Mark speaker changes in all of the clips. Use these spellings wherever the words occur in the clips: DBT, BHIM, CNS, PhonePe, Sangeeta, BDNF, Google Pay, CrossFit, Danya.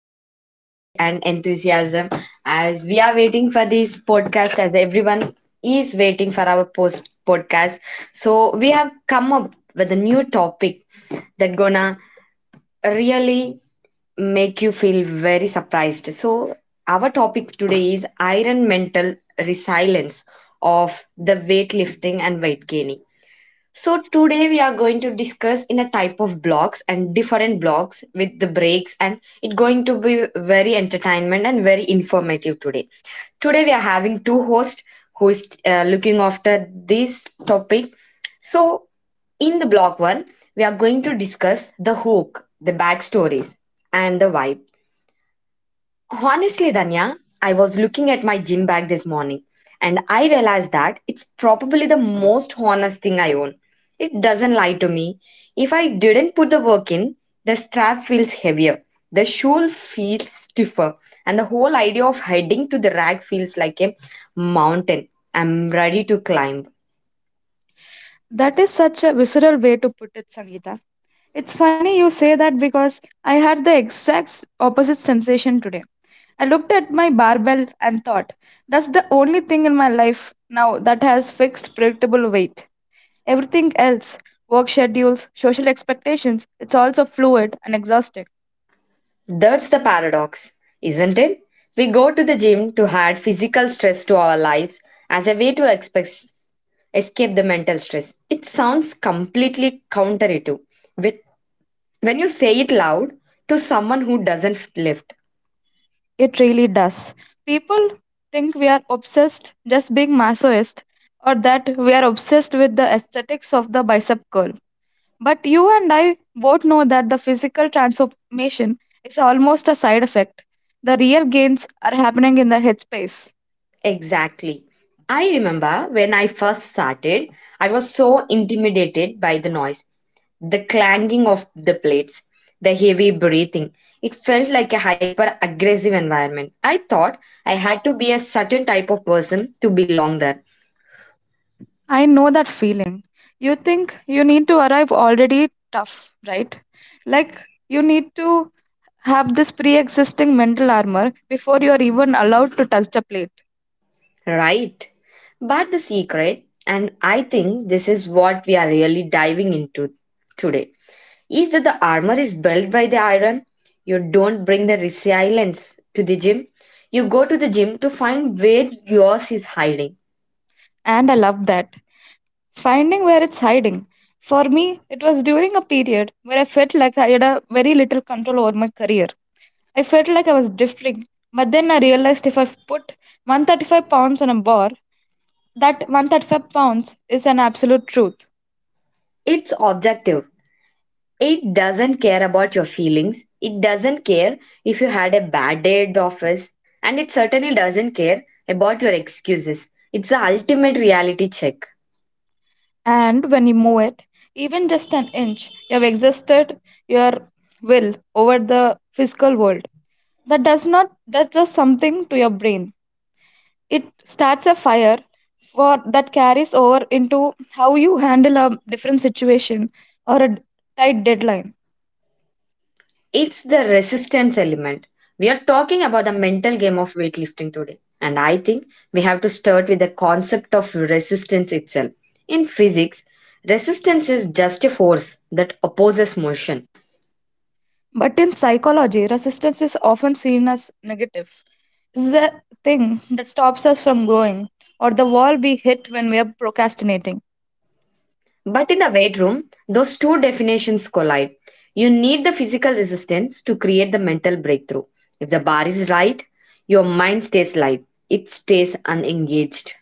Speaker 1: with energy and enthusiasm as we are waiting for this podcast, as everyone is waiting for our post podcast. So, we have come up with a new topic that gonna really make you feel very surprised. So, our topic today is iron mental resilience of the weightlifting and weight gaining. So today we are going to discuss in a type of blocks and different blocks with the breaks and it going to be very entertainment and very informative today. Today we are having two hosts who is looking after this topic. So in the block one, we are going to discuss the hook, the backstories and the vibe. Honestly, Danya, I was looking at my gym bag this morning and I realized that it's probably the most honest thing I own. It doesn't lie to me. If I didn't put the work in, the strap feels heavier, the shoe feels stiffer, and the whole idea of heading to the rack feels like a mountain I'm ready to climb.
Speaker 2: That is such a visceral way to put it, Sangeeta. It's funny you say that because I had the exact opposite sensation today. I looked at my barbell and thought, that's the only thing in my life now that has fixed, predictable weight. Everything else, work schedules, social expectations, it's also fluid and exhausting.
Speaker 1: That's the paradox, isn't it? We go to the gym to add physical stress to our lives as a way to express escape the mental stress. It sounds completely counterintuitive with, when you say it loud to someone who doesn't lift.
Speaker 2: It really does. People think we are obsessed just being masochist or that we are obsessed with the aesthetics of the bicep curl. But you and I both know that the physical transformation is almost a side effect. The real gains are happening in the headspace.
Speaker 1: Exactly. I remember when I first started, I was so intimidated by the noise, the clanging of the plates, the heavy breathing. It felt like a hyper aggressive environment. I thought I had to be a certain type of person to belong there.
Speaker 2: I know that feeling. You think you need to arrive already tough, right? Like you need to have this pre existing mental armor before you are even allowed to touch the plate.
Speaker 1: Right. But the secret, and I think this is what we are really diving into today, is that the armor is built by the iron. You don't bring the resilience to the gym. You go to the gym to find where yours is hiding.
Speaker 2: And I love that. Finding where it's hiding. For me, it was during a period where I felt like I had a very little control over my career. I felt like I was drifting, but then I realized if I put 135 pounds on a bar, that 135 pounds is an absolute truth.
Speaker 1: It's objective. It doesn't care about your feelings. It doesn't care if you had a bad day at the office. And it certainly doesn't care about your excuses. It's the ultimate reality check.
Speaker 2: And when you move it, even just an inch, you have exhausted your will over the physical world. That does not, thats just something to your brain. It starts a fire for that carries over into how you handle a different situation or a tight deadline.
Speaker 1: It's the resistance element. We are talking about the mental game of weightlifting today. And I think we have to start with the concept of resistance itself. In physics, resistance is just a force that opposes motion.
Speaker 2: But in psychology, resistance is often seen as negative. It's the thing that stops us from growing, or the wall we hit when we are procrastinating.
Speaker 1: But in the weight room, those two definitions collide. You need the physical resistance to create the mental breakthrough. If the bar is right, your mind stays light, it stays unengaged.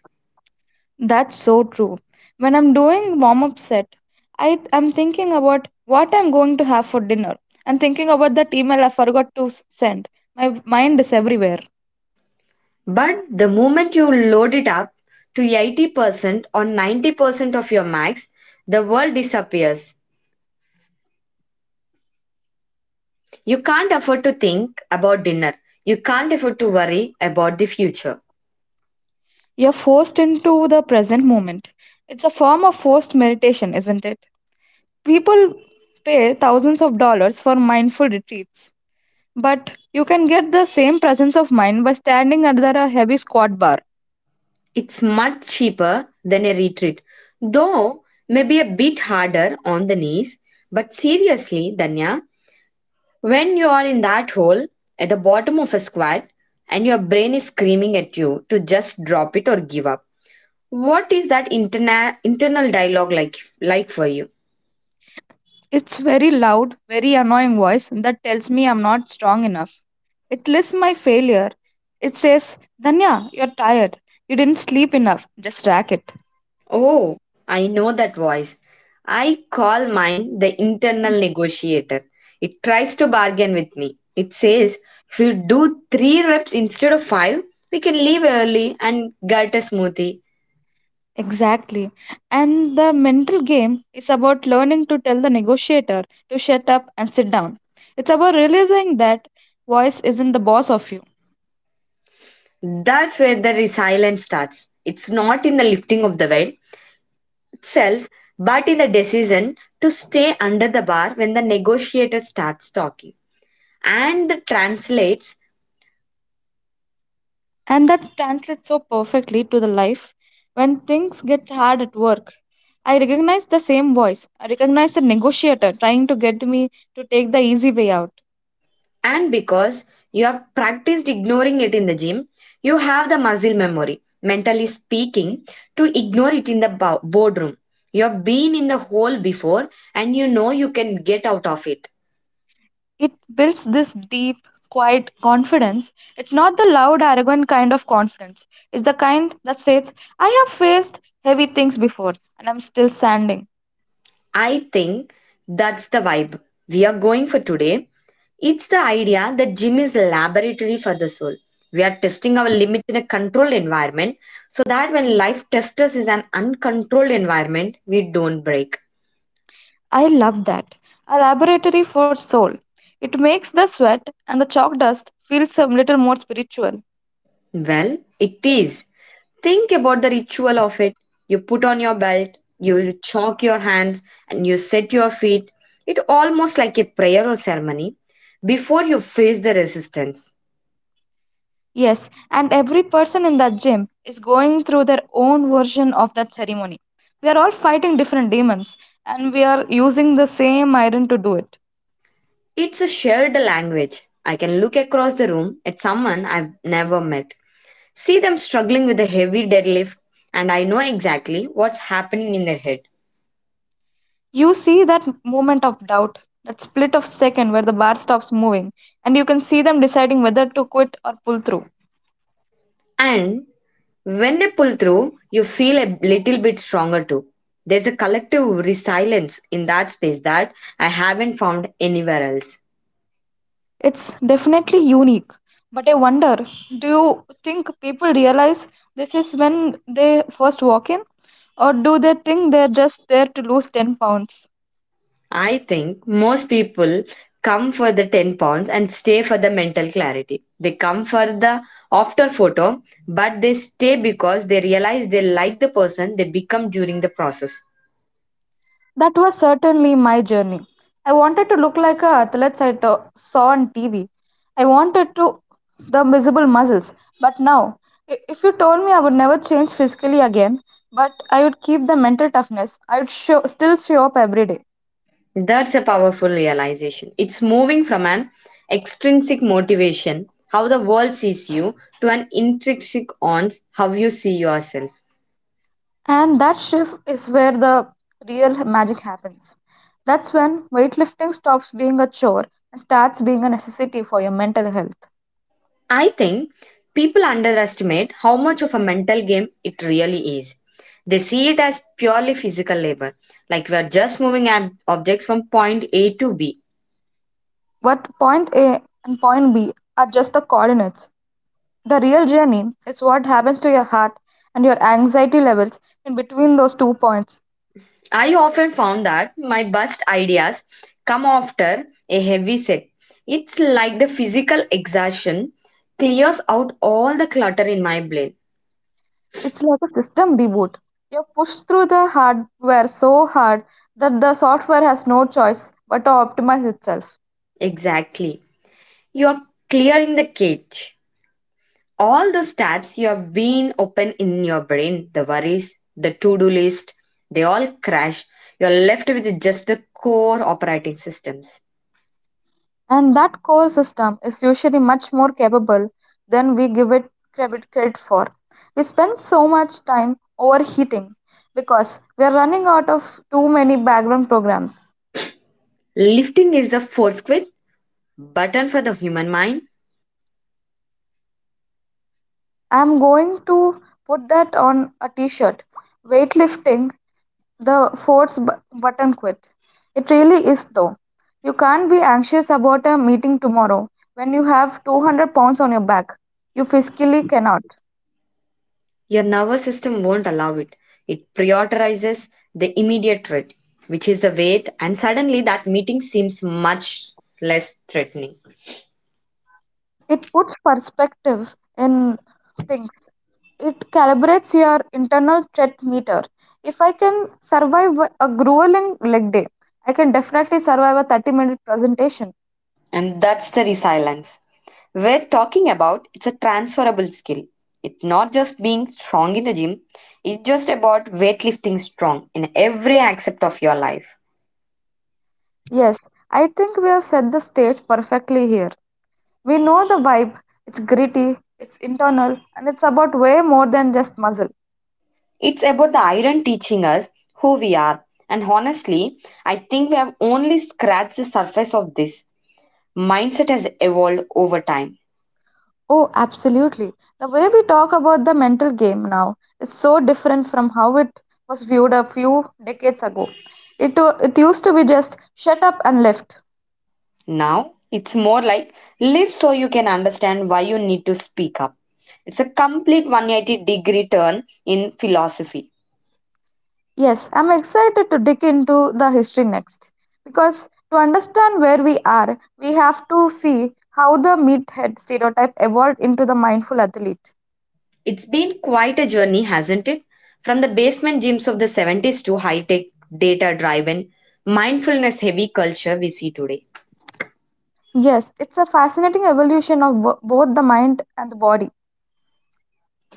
Speaker 2: That's so true. When I'm doing warm up set, I am thinking about what I'm going to have for dinner and thinking about that email I forgot to send. My mind is everywhere.
Speaker 1: But the moment you load it up to 80% or 90% of your max, the world disappears. You can't afford to think about dinner. You can't afford to worry about the future.
Speaker 2: You're forced into the present moment. It's a form of forced meditation, isn't it? People pay thousands of dollars for mindful retreats but you can get the same presence of mind by standing under a heavy squat bar.
Speaker 1: It's much cheaper than a retreat, though maybe a bit harder on the knees. But seriously, Danya, when you are in that hole at the bottom of a squat and your brain is screaming at you to just drop it or give up, what is that internal dialogue like for you?
Speaker 2: It's very loud, very annoying voice that tells me I'm not strong enough. It lists my failure. It says, Danya, you're tired. You didn't sleep enough. Just rack it.
Speaker 1: Oh, I know that voice. I call mine the internal negotiator. It tries to bargain with me. It says, if you do three reps instead of five, we can leave early and get a smoothie.
Speaker 2: Exactly. And the mental game is about learning to tell the negotiator to shut up and sit down. It's about realizing that voice isn't the boss of you.
Speaker 1: That's where the resilience starts. It's not in the lifting of the weight itself, but in the decision to stay under the bar when the negotiator starts talking. And translates
Speaker 2: And that translates so perfectly to the life when things get hard at work. I recognize the same voice. I recognize the negotiator trying to get me to take the easy way out.
Speaker 1: and because you have practiced ignoring it in the gym, you have the muscle memory, mentally speaking, to ignore it in the boardroom. You have been in the hole before and you know you can get out of it.
Speaker 2: It builds this deep, quiet confidence. It's not the loud, arrogant kind of confidence. It's the kind that says, I have faced heavy things before and I'm still standing.
Speaker 1: I think that's the vibe we are going for today. It's the idea that gym is a laboratory for the soul. We are testing our limits in a controlled environment so that when life tests us is an uncontrolled environment, we don't break.
Speaker 2: I love that. A laboratory for soul. It makes the sweat and the chalk dust feel some little more spiritual.
Speaker 1: Well, it is. Think about the ritual of it. You put on your belt, you chalk your hands, and you set your feet. It almost like a prayer or ceremony before you face the resistance.
Speaker 2: Yes, and every person in that gym is going through their own version of that ceremony. We are all fighting different demons and we are using the same iron to do it.
Speaker 1: It's a shared language. I can look across the room at someone I've never met, see them struggling with a heavy deadlift, and I know exactly what's happening in their head.
Speaker 2: You see that moment of doubt, that split of second where the bar stops moving, and you can see them deciding whether to quit or pull through.
Speaker 1: And when they pull through, you feel a little bit stronger too. There's a collective resilience in that space that I haven't found anywhere else.
Speaker 2: It's definitely unique. But I wonder, do you think people realize this is when they first walk in, or do they think they're just there to lose 10 pounds?
Speaker 1: I think most people come for the 10 pounds and stay for the mental clarity. They come for the after photo, but they stay because they realize they like the person they become during the process.
Speaker 2: That was certainly my journey. I wanted to look like a athletes I saw on TV. I wanted to the visible muscles. But now, if you told me I would never change physically again, but I would keep the mental toughness, I would show, still show up every day.
Speaker 1: That's a powerful realization. It's moving from an extrinsic motivation, how the world sees you, to an intrinsic on how you see yourself.
Speaker 2: And that shift is where the real magic happens. That's when weightlifting stops being a chore and starts being a necessity for your mental health.
Speaker 1: I think people underestimate how much of a mental game it really is. They see it as purely physical labor, like we are just moving objects from point A to B.
Speaker 2: What point A and point B are just the coordinates. The real journey is what happens to your heart and your anxiety levels in between those two points.
Speaker 1: I often found that my best ideas come after a heavy set. It's like the physical exhaustion clears out all the clutter in my brain.
Speaker 2: It's like a system reboot. You're pushed through the hardware so hard that the software has no choice but to optimize itself.
Speaker 1: Exactly. You're clearing the cage. All those tabs you have been open in your brain, the worries, the to do list, they all crash. You're left with just the core operating systems.
Speaker 2: And that core system is usually much more capable than we give it credit for. We spend so much time overheating because we are running out of too many background programs.
Speaker 1: Lifting is the fourth quit button for the human mind.
Speaker 2: I'm going to put that on a t-shirt. Weightlifting, the force button quit. It really is though. You can't be anxious about a meeting tomorrow when you have 200 pounds on your back. You physically cannot.
Speaker 1: Your nervous system won't allow it. It prioritizes the immediate threat, which is the wait, and suddenly that meeting seems much less threatening.
Speaker 2: It puts perspective in things. It calibrates your internal threat meter. If I can survive a grueling leg day, I can definitely survive a 30-minute presentation.
Speaker 1: And that's the resilience. We're talking about it's a transferable skill. It's not just being strong in the gym, it's just about weightlifting strong in every aspect of your life.
Speaker 2: Yes, I think we have set the stage perfectly here. We know the vibe. It's gritty, it's internal, and it's about way more than just muscle.
Speaker 1: It's about the iron teaching us who we are. And honestly, I think we have only scratched the surface of this. Mindset has evolved over time.
Speaker 2: Oh, absolutely. The way we talk about the mental game now is so different from how it was viewed a few decades ago. It, it used to be just shut up and left.
Speaker 1: Now it's more like live so you can understand why you need to speak up. It's a complete 180 degree turn in philosophy.
Speaker 2: Yes, I'm excited to dig into the history next because to understand where we are, we have to see how the meathead stereotype evolved into the mindful athlete.
Speaker 1: It's been quite a journey, hasn't it? From the basement gyms of the 70s to high tech, data driven, mindfulness heavy culture we see today.
Speaker 2: Yes, it's a fascinating evolution of both the mind and the body.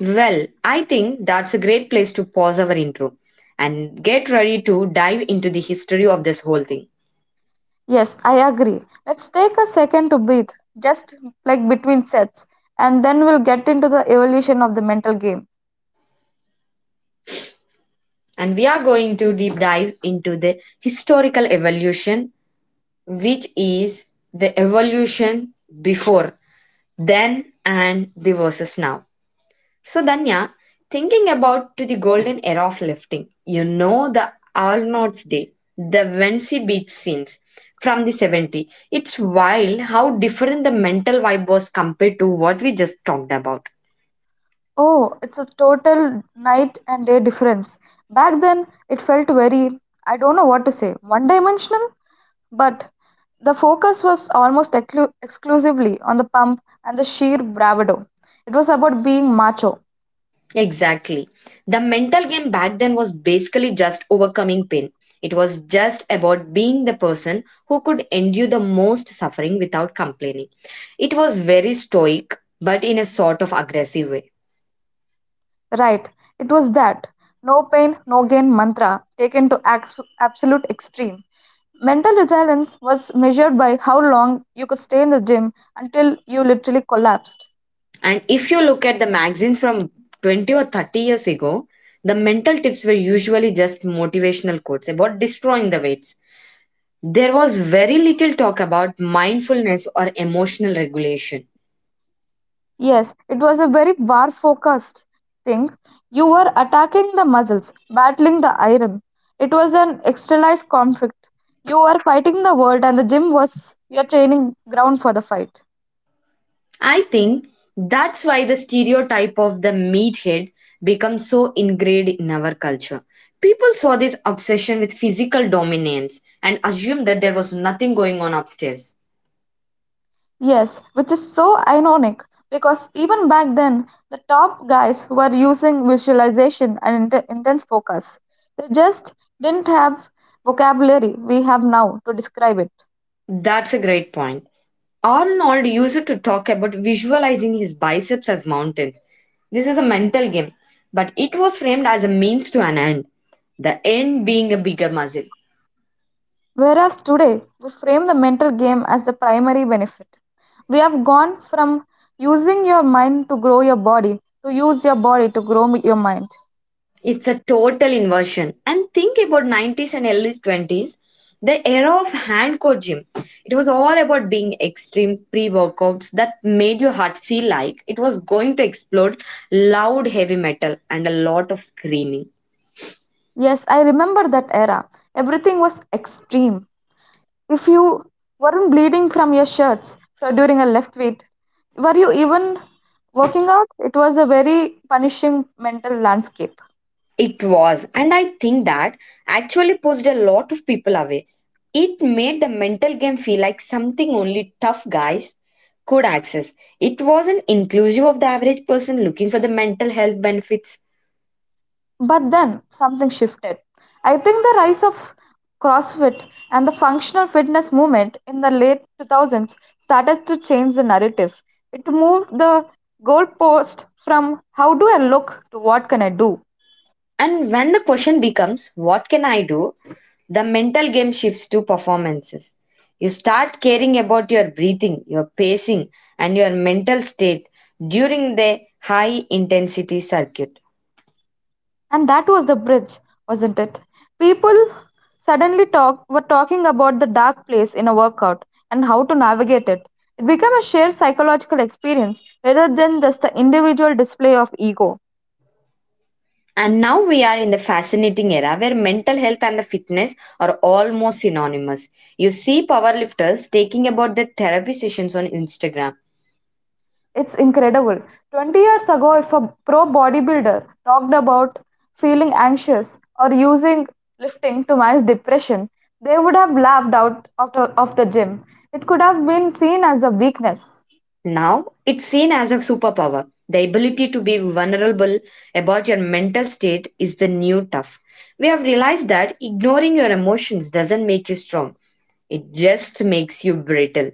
Speaker 1: Well, I think that's a great place to pause our intro and get ready to dive into the history of this whole thing.
Speaker 2: Yes, I agree. Let's take a second to breathe, just like between sets, and then we'll get into the evolution of the mental game.
Speaker 1: And we are going to deep dive into the historical evolution, which is the evolution before, then, and the versus now. So, Danya, thinking about to the golden era of lifting, you know the Arnold's Day, the Vensey beach scenes from the 70. It's wild how different the mental vibe was compared to what we just talked about.
Speaker 2: Oh, it's a total night and day difference. Back then, it felt very, I don't know what to say, one dimensional, but the focus was almost exclusively on the pump and the sheer bravado. It was about being macho.
Speaker 1: Exactly. The mental game back then was basically just overcoming pain. It was just about being the person who could endure the most suffering without complaining. It was very stoic, but in a sort of aggressive way.
Speaker 2: Right, it was that no pain, no gain mantra taken to absolute extreme. Mental resilience was measured by how long you could stay in the gym until you literally collapsed.
Speaker 1: And if you look at the magazines from 20 or 30 years ago, the mental tips were usually just motivational quotes about destroying the weights. There was very little talk about mindfulness or emotional regulation.
Speaker 2: Yes, it was a very war focused thing. You were attacking the muscles, battling the iron. It was an externalized conflict. You were fighting the world, and the gym was your training ground for the fight.
Speaker 1: I think that's why the stereotype of the meathead becomes so ingrained in our culture. People saw this obsession with physical dominance and assumed that there was nothing going on upstairs.
Speaker 2: Yes, which is so ironic because even back then, the top guys were using visualization and intense focus. They just didn't have vocabulary we have now to describe it.
Speaker 1: That's a great point. Arnold used to talk about visualizing his biceps as mountains. This is a mental game, but it was framed as a means to an end, the end being a bigger muscle.
Speaker 2: Whereas today, we frame the mental game as the primary benefit. We have gone from using your mind to grow your body to use your body to grow your mind.
Speaker 1: It's a total inversion. And think about 90s and early 20s, the era of hand gym. It was all about being extreme pre-workouts that made your heart feel like it was going to explode, loud heavy metal and a lot of screaming.
Speaker 2: Yes, I remember that era. Everything was extreme. If you weren't bleeding from your shirts during a left weight, were you even working out? It was a very punishing mental landscape.
Speaker 1: It was, and I think that actually pushed a lot of people away. It made the mental game feel like something only tough guys could access. It wasn't inclusive of the average person looking for the mental health benefits.
Speaker 2: But then something shifted. I think the rise of CrossFit and the functional fitness movement in the late 2000s started to change the narrative. It moved the goalpost from how do I look to what can I do.
Speaker 1: And when the question becomes, what can I do? The mental game shifts to performances. You start caring about your breathing, your pacing, and your mental state during the high intensity circuit.
Speaker 2: And that was the bridge, wasn't it? People suddenly were talking about the dark place in a workout and how to navigate it. It became a shared psychological experience rather than just an individual display of ego.
Speaker 1: And now we are in the fascinating era where mental health and the fitness are almost synonymous. You see powerlifters taking about their therapy sessions on Instagram.
Speaker 2: It's incredible. 20 years ago, if a pro bodybuilder talked about feeling anxious or using lifting to manage depression, they would have laughed out of of the gym. It could have been seen as a weakness.
Speaker 1: Now, it's seen as a superpower. The ability to be vulnerable about your mental state is the new tough. We have realized that ignoring your emotions doesn't make you strong, it just makes you brittle.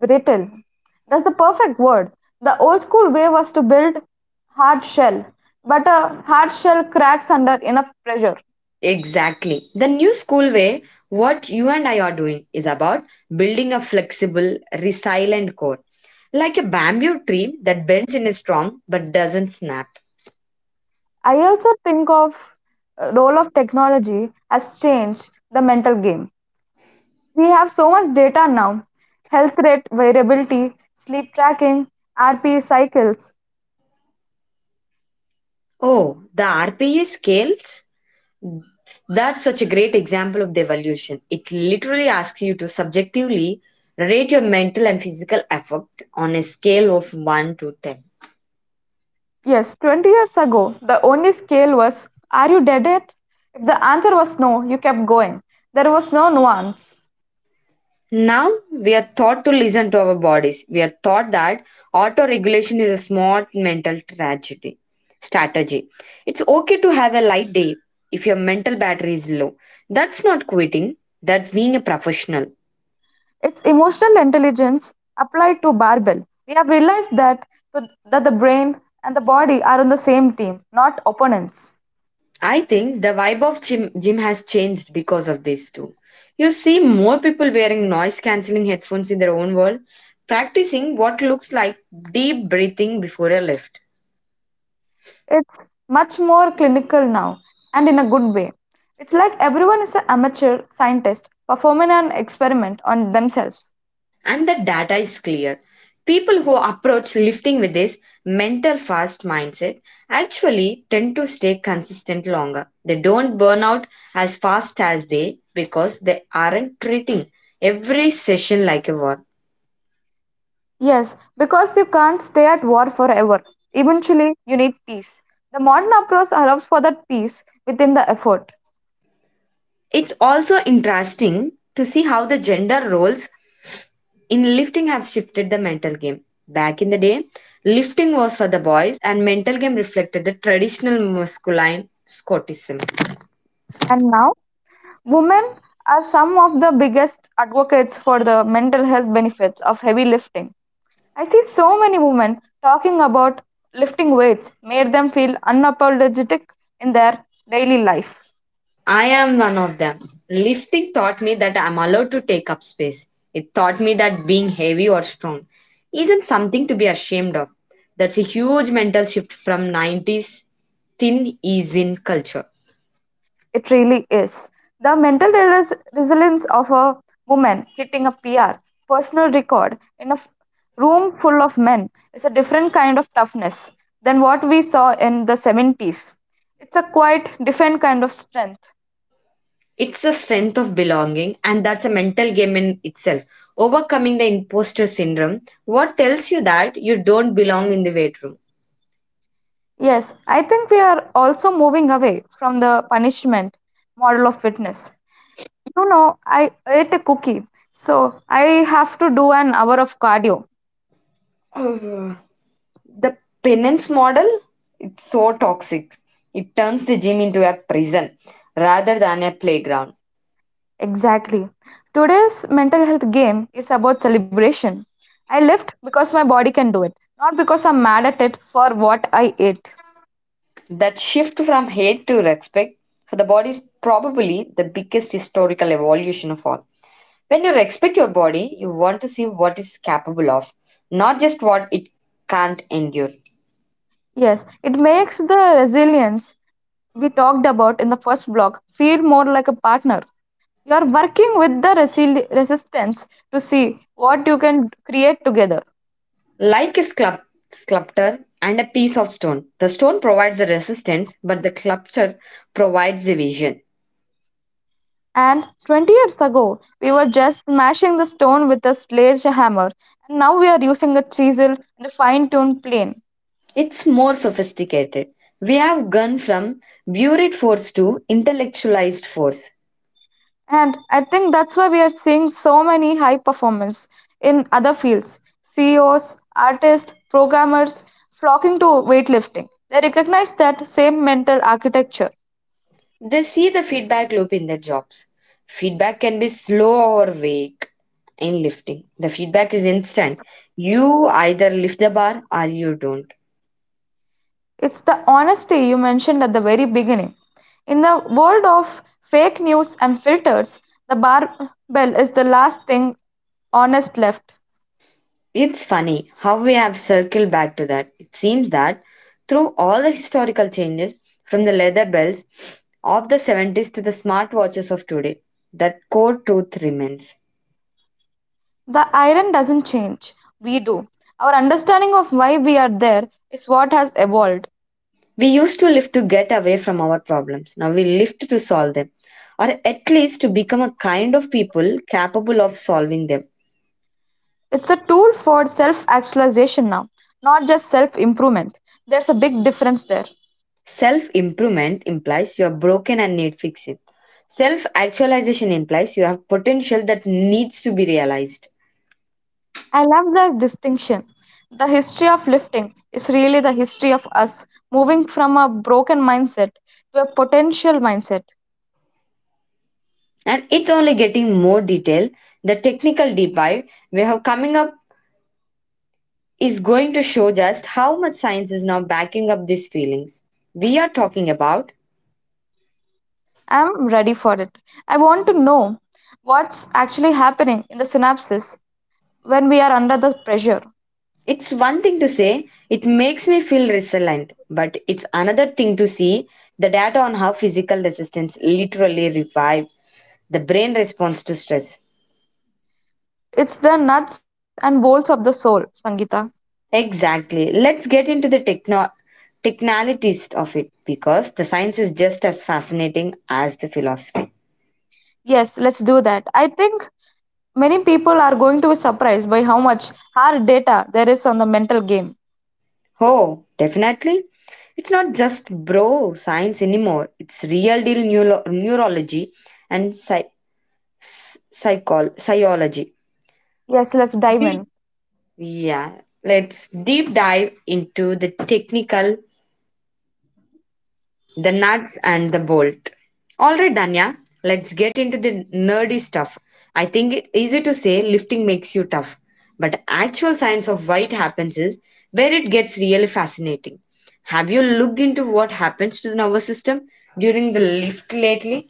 Speaker 2: Brittle. That's the perfect word. The old school way was to build hard shell, but a hard shell cracks under enough pressure.
Speaker 1: Exactly. The new school way, what you and I are doing, is about building a flexible, resilient core, like a bamboo tree that bends in a storm but doesn't snap.
Speaker 2: I also think of role of technology has changed the mental game. We have so much data now. Health rate, variability, sleep tracking, RPE cycles.
Speaker 1: Oh, the RPE scales? That's such a great example of the evolution. It literally asks you to subjectively rate your mental and physical effort on a scale of 1 to 10.
Speaker 2: Yes, 20 years ago, the only scale was are you dead yet? If the answer was no, you kept going. There was no nuance.
Speaker 1: Now, we are taught to listen to our bodies. We are taught that auto regulation is a smart mental tragedy strategy. It's okay to have a light day if your mental battery is low. That's not quitting, that's being a professional.
Speaker 2: It's emotional intelligence applied to barbell. We have realized that, that the brain and the body are on the same team, not opponents.
Speaker 1: I think the vibe of gym has changed because of this too. You see more people wearing noise cancelling headphones in their own world, practicing what looks like deep breathing before a lift.
Speaker 2: It's much more clinical now and in a good way. It's like everyone is an amateur scientist performing an experiment on themselves.
Speaker 1: And the data is clear. People who approach lifting with this mental fast mindset actually tend to stay consistent longer. They don't burn out as fast as they because they aren't treating every session like a war.
Speaker 2: Yes, because you can't stay at war forever. Eventually, you need peace. The modern approach allows for that peace within the effort.
Speaker 1: It's also interesting to see how the gender roles in lifting have shifted the mental game. Back in the day, lifting was for the boys and mental game reflected the traditional masculine Scotism.
Speaker 2: And now women are some of the biggest advocates for the mental health benefits of heavy lifting. I see so many women talking about lifting weights made them feel unapologetic in their daily life.
Speaker 1: I am one of them. Lifting taught me that I'm allowed to take up space. It taught me that being heavy or strong isn't something to be ashamed of. That's a huge mental shift from 90s thin ease in culture.
Speaker 2: It really is. The mental resilience of a woman hitting a PR, personal record, in a room full of men is a different kind of toughness than what we saw in the 70s. It's a quite different kind of strength.
Speaker 1: It's the strength of belonging, and that's a mental game in itself. Overcoming the imposter syndrome, what tells you that you don't belong in the weight room?
Speaker 2: Yes, I think we are also moving away from the punishment model of fitness. You know, I ate a cookie, so I have to do an hour of cardio.
Speaker 1: Uh, the penance model, it's so toxic. It turns the gym into a prison rather than a playground.
Speaker 2: Exactly. Today's mental health game is about celebration. I left because my body can do it, not because I'm mad at it for what I ate.
Speaker 1: That shift from hate to respect for the body is probably the biggest historical evolution of all. When you respect your body, you want to see what it's capable of, not just what it can't endure.
Speaker 2: Yes, it makes the resilience we talked about in the first block feel more like a partner you are working with the resistance to see what you can create together.
Speaker 1: Like a sculptor and a piece of stone, the stone provides the resistance, but the sculpture provides the vision.
Speaker 2: And 20 years ago, we were just smashing the stone with a sledgehammer, and now we are using a chisel and a fine tuned plane.
Speaker 1: It's more sophisticated. We have gone from buried force to intellectualized force.
Speaker 2: And I think that's why we are seeing so many high performers in other fields CEOs, artists, programmers flocking to weightlifting. They recognize that same mental architecture.
Speaker 1: They see the feedback loop in their jobs. Feedback can be slow or vague in lifting. The feedback is instant. You either lift the bar or you don't.
Speaker 2: It's the honesty you mentioned at the very beginning. In the world of fake news and filters, the barbell is the last thing honest left.
Speaker 1: It's funny how we have circled back to that. It seems that through all the historical changes, from the leather bells of the 70s to the smartwatches of today, that core truth remains.
Speaker 2: The iron doesn't change, we do. Our understanding of why we are there is what has evolved.
Speaker 1: We used to live to get away from our problems. Now we live to solve them, or at least to become a kind of people capable of solving them.
Speaker 2: It's a tool for self actualization now, not just self improvement. There's a big difference there.
Speaker 1: Self improvement implies you are broken and need fixing. Self actualization implies you have potential that needs to be realized.
Speaker 2: I love that distinction. The history of lifting is really the history of us moving from a broken mindset to a potential mindset.
Speaker 1: And it's only getting more detail, the technical deep dive we have coming up is going to show just how much science is now backing up these feelings we are talking about.
Speaker 2: I'm ready for it. I want to know what's actually happening in the synapses when we are under the pressure.
Speaker 1: It's one thing to say it makes me feel resilient, but it's another thing to see the data on how physical resistance literally revive the brain response to stress.
Speaker 2: It's the nuts and bolts of the soul, Sangeeta.
Speaker 1: Exactly, let's get into the technicalities of it because the science is just as fascinating as the philosophy.
Speaker 2: Yes, let's do that. I think many people are going to be surprised by how much hard data there is on the mental game.
Speaker 1: Oh, definitely. It's not just bro science anymore. It's real deal neurology and psychology.
Speaker 2: Yes, let's dive
Speaker 1: We
Speaker 2: in.
Speaker 1: Yeah, let's deep dive into the technical, the nuts and the bolt. All right, Danya, let's get into the nerdy stuff. I think it's easy to say lifting makes you tough, but actual science of why it happens is where it gets really fascinating. Have you looked into what happens to the nervous system during the lift lately?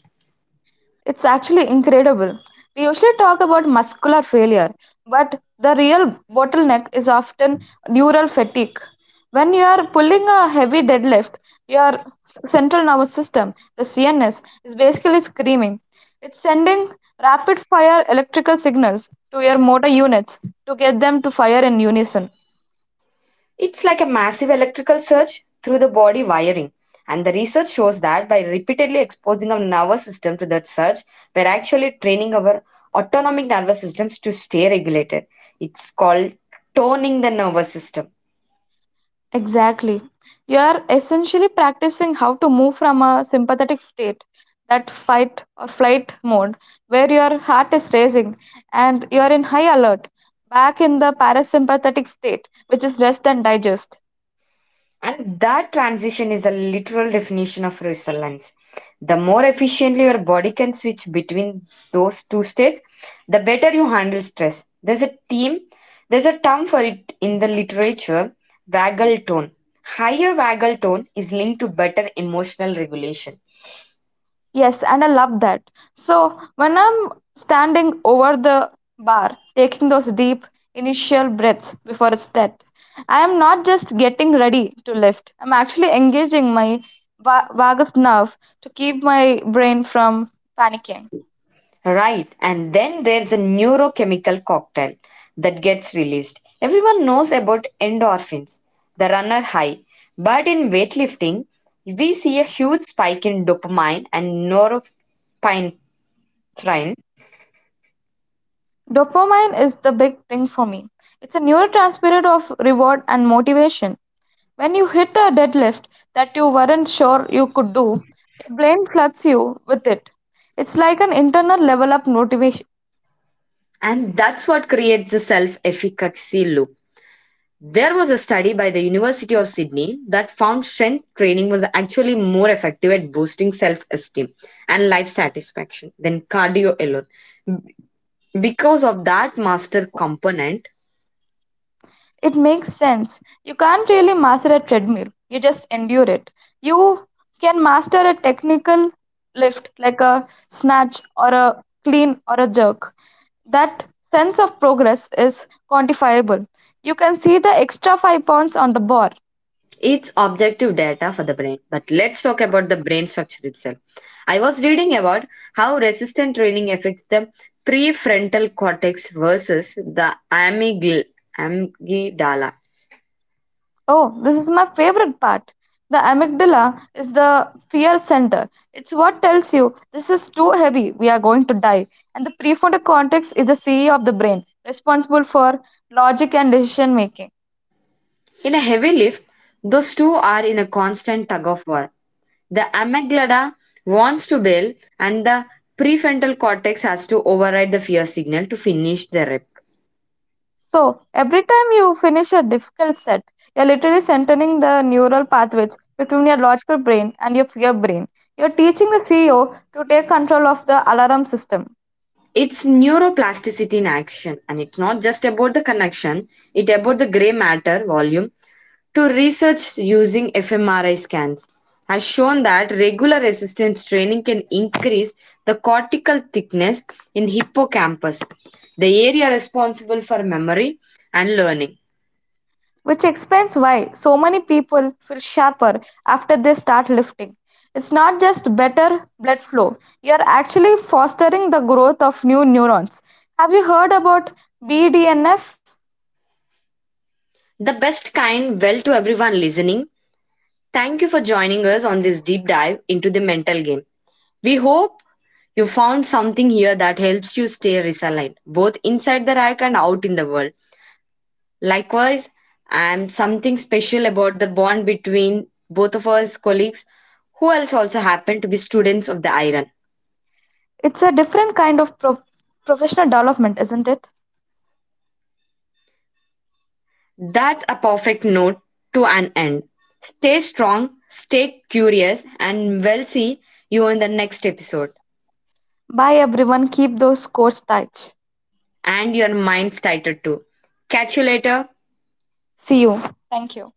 Speaker 2: It's actually incredible. We usually talk about muscular failure, but the real bottleneck is often neural fatigue. When you are pulling a heavy deadlift, your central nervous system, the CNS, is basically screaming. It's sending rapid fire electrical signals to your motor units to get them to fire in unison.
Speaker 1: It's like a massive electrical surge through the body wiring. And the research shows that by repeatedly exposing our nervous system to that surge, we're actually training our autonomic nervous systems to stay regulated. It's called toning the nervous system.
Speaker 2: Exactly. You are essentially practicing how to move from a sympathetic state, that fight or flight mode, where your heart is racing and you are in high alert, back in the parasympathetic state, which is rest and digest.
Speaker 1: And that transition is a literal definition of resilience. The more efficiently your body can switch between those two states, the better you handle stress. There's a term for it in the literature, waggle tone. Higher waggle tone is linked to better emotional regulation.
Speaker 2: Yes, and I love that. So when I'm standing over the bar, taking those deep initial breaths before a set, I am not just getting ready to lift. I'm actually engaging my vagus nerve to keep my brain from panicking.
Speaker 1: Right. And then there's a neurochemical cocktail that gets released. Everyone knows about endorphins, the runner high. But in weightlifting, we see a huge spike in dopamine and norepinephrine,
Speaker 2: Dopamine is the big thing for me. It's a neurotransmitter of reward and motivation. When you hit a deadlift that you weren't sure you could do, your brain floods you with it. It's like an internal level up motivation.
Speaker 1: and that's what creates the self efficacy loop. There was a study by the University of Sydney that found strength training was actually more effective at boosting self esteem and life satisfaction than cardio alone. Because of that master component,
Speaker 2: It makes sense. You can't really master a treadmill, you just endure it. You can master a technical lift like a snatch or a clean or a jerk. That sense of progress is quantifiable. You can see the extra 5 pounds on the bar.
Speaker 1: it's objective data for the brain. But let's talk about the brain structure itself. I was reading about how resistant training affects the prefrontal cortex versus the amygdala.
Speaker 2: Oh, this is my favorite part. The amygdala is the fear center. It's what tells you this is too heavy, we are going to die. And the prefrontal cortex is the CEO of the brain, responsible for logic and decision making.
Speaker 1: In a heavy lift, those two are in a constant tug of war. The amygdala wants to bail, and the prefrontal cortex has to override the fear signal to finish the rep.
Speaker 2: So, every time you finish a difficult set, you're literally centering the neural pathways between your logical brain and your fear brain. You're teaching the CEO to take control of the alarm system.
Speaker 1: It's neuroplasticity in action, and it's not just about the connection, it about the gray matter volume. To research using fMRI scans has shown that regular resistance training can increase the cortical thickness in hippocampus, the area responsible for memory and learning.
Speaker 2: Which explains why so many people feel sharper after they start lifting. It's not just better blood flow, you're actually fostering the growth of new neurons. Have you heard about BDNF?
Speaker 1: The best kind well to everyone listening. Thank you for joining us on this deep dive into the mental game. We hope you found something here that helps you stay resilient, both inside the rack and out in the world. Likewise, I'm something special about the bond between both of us colleagues who else also happen to be students of the iron.
Speaker 2: It's a different kind of professional development, isn't it?
Speaker 1: That's a perfect note to an end. Stay strong, stay curious, and we'll see you in the next episode.
Speaker 2: Bye everyone, keep those scores tight.
Speaker 1: And your mind's tighter too. Catch you later.
Speaker 2: See you. Thank you.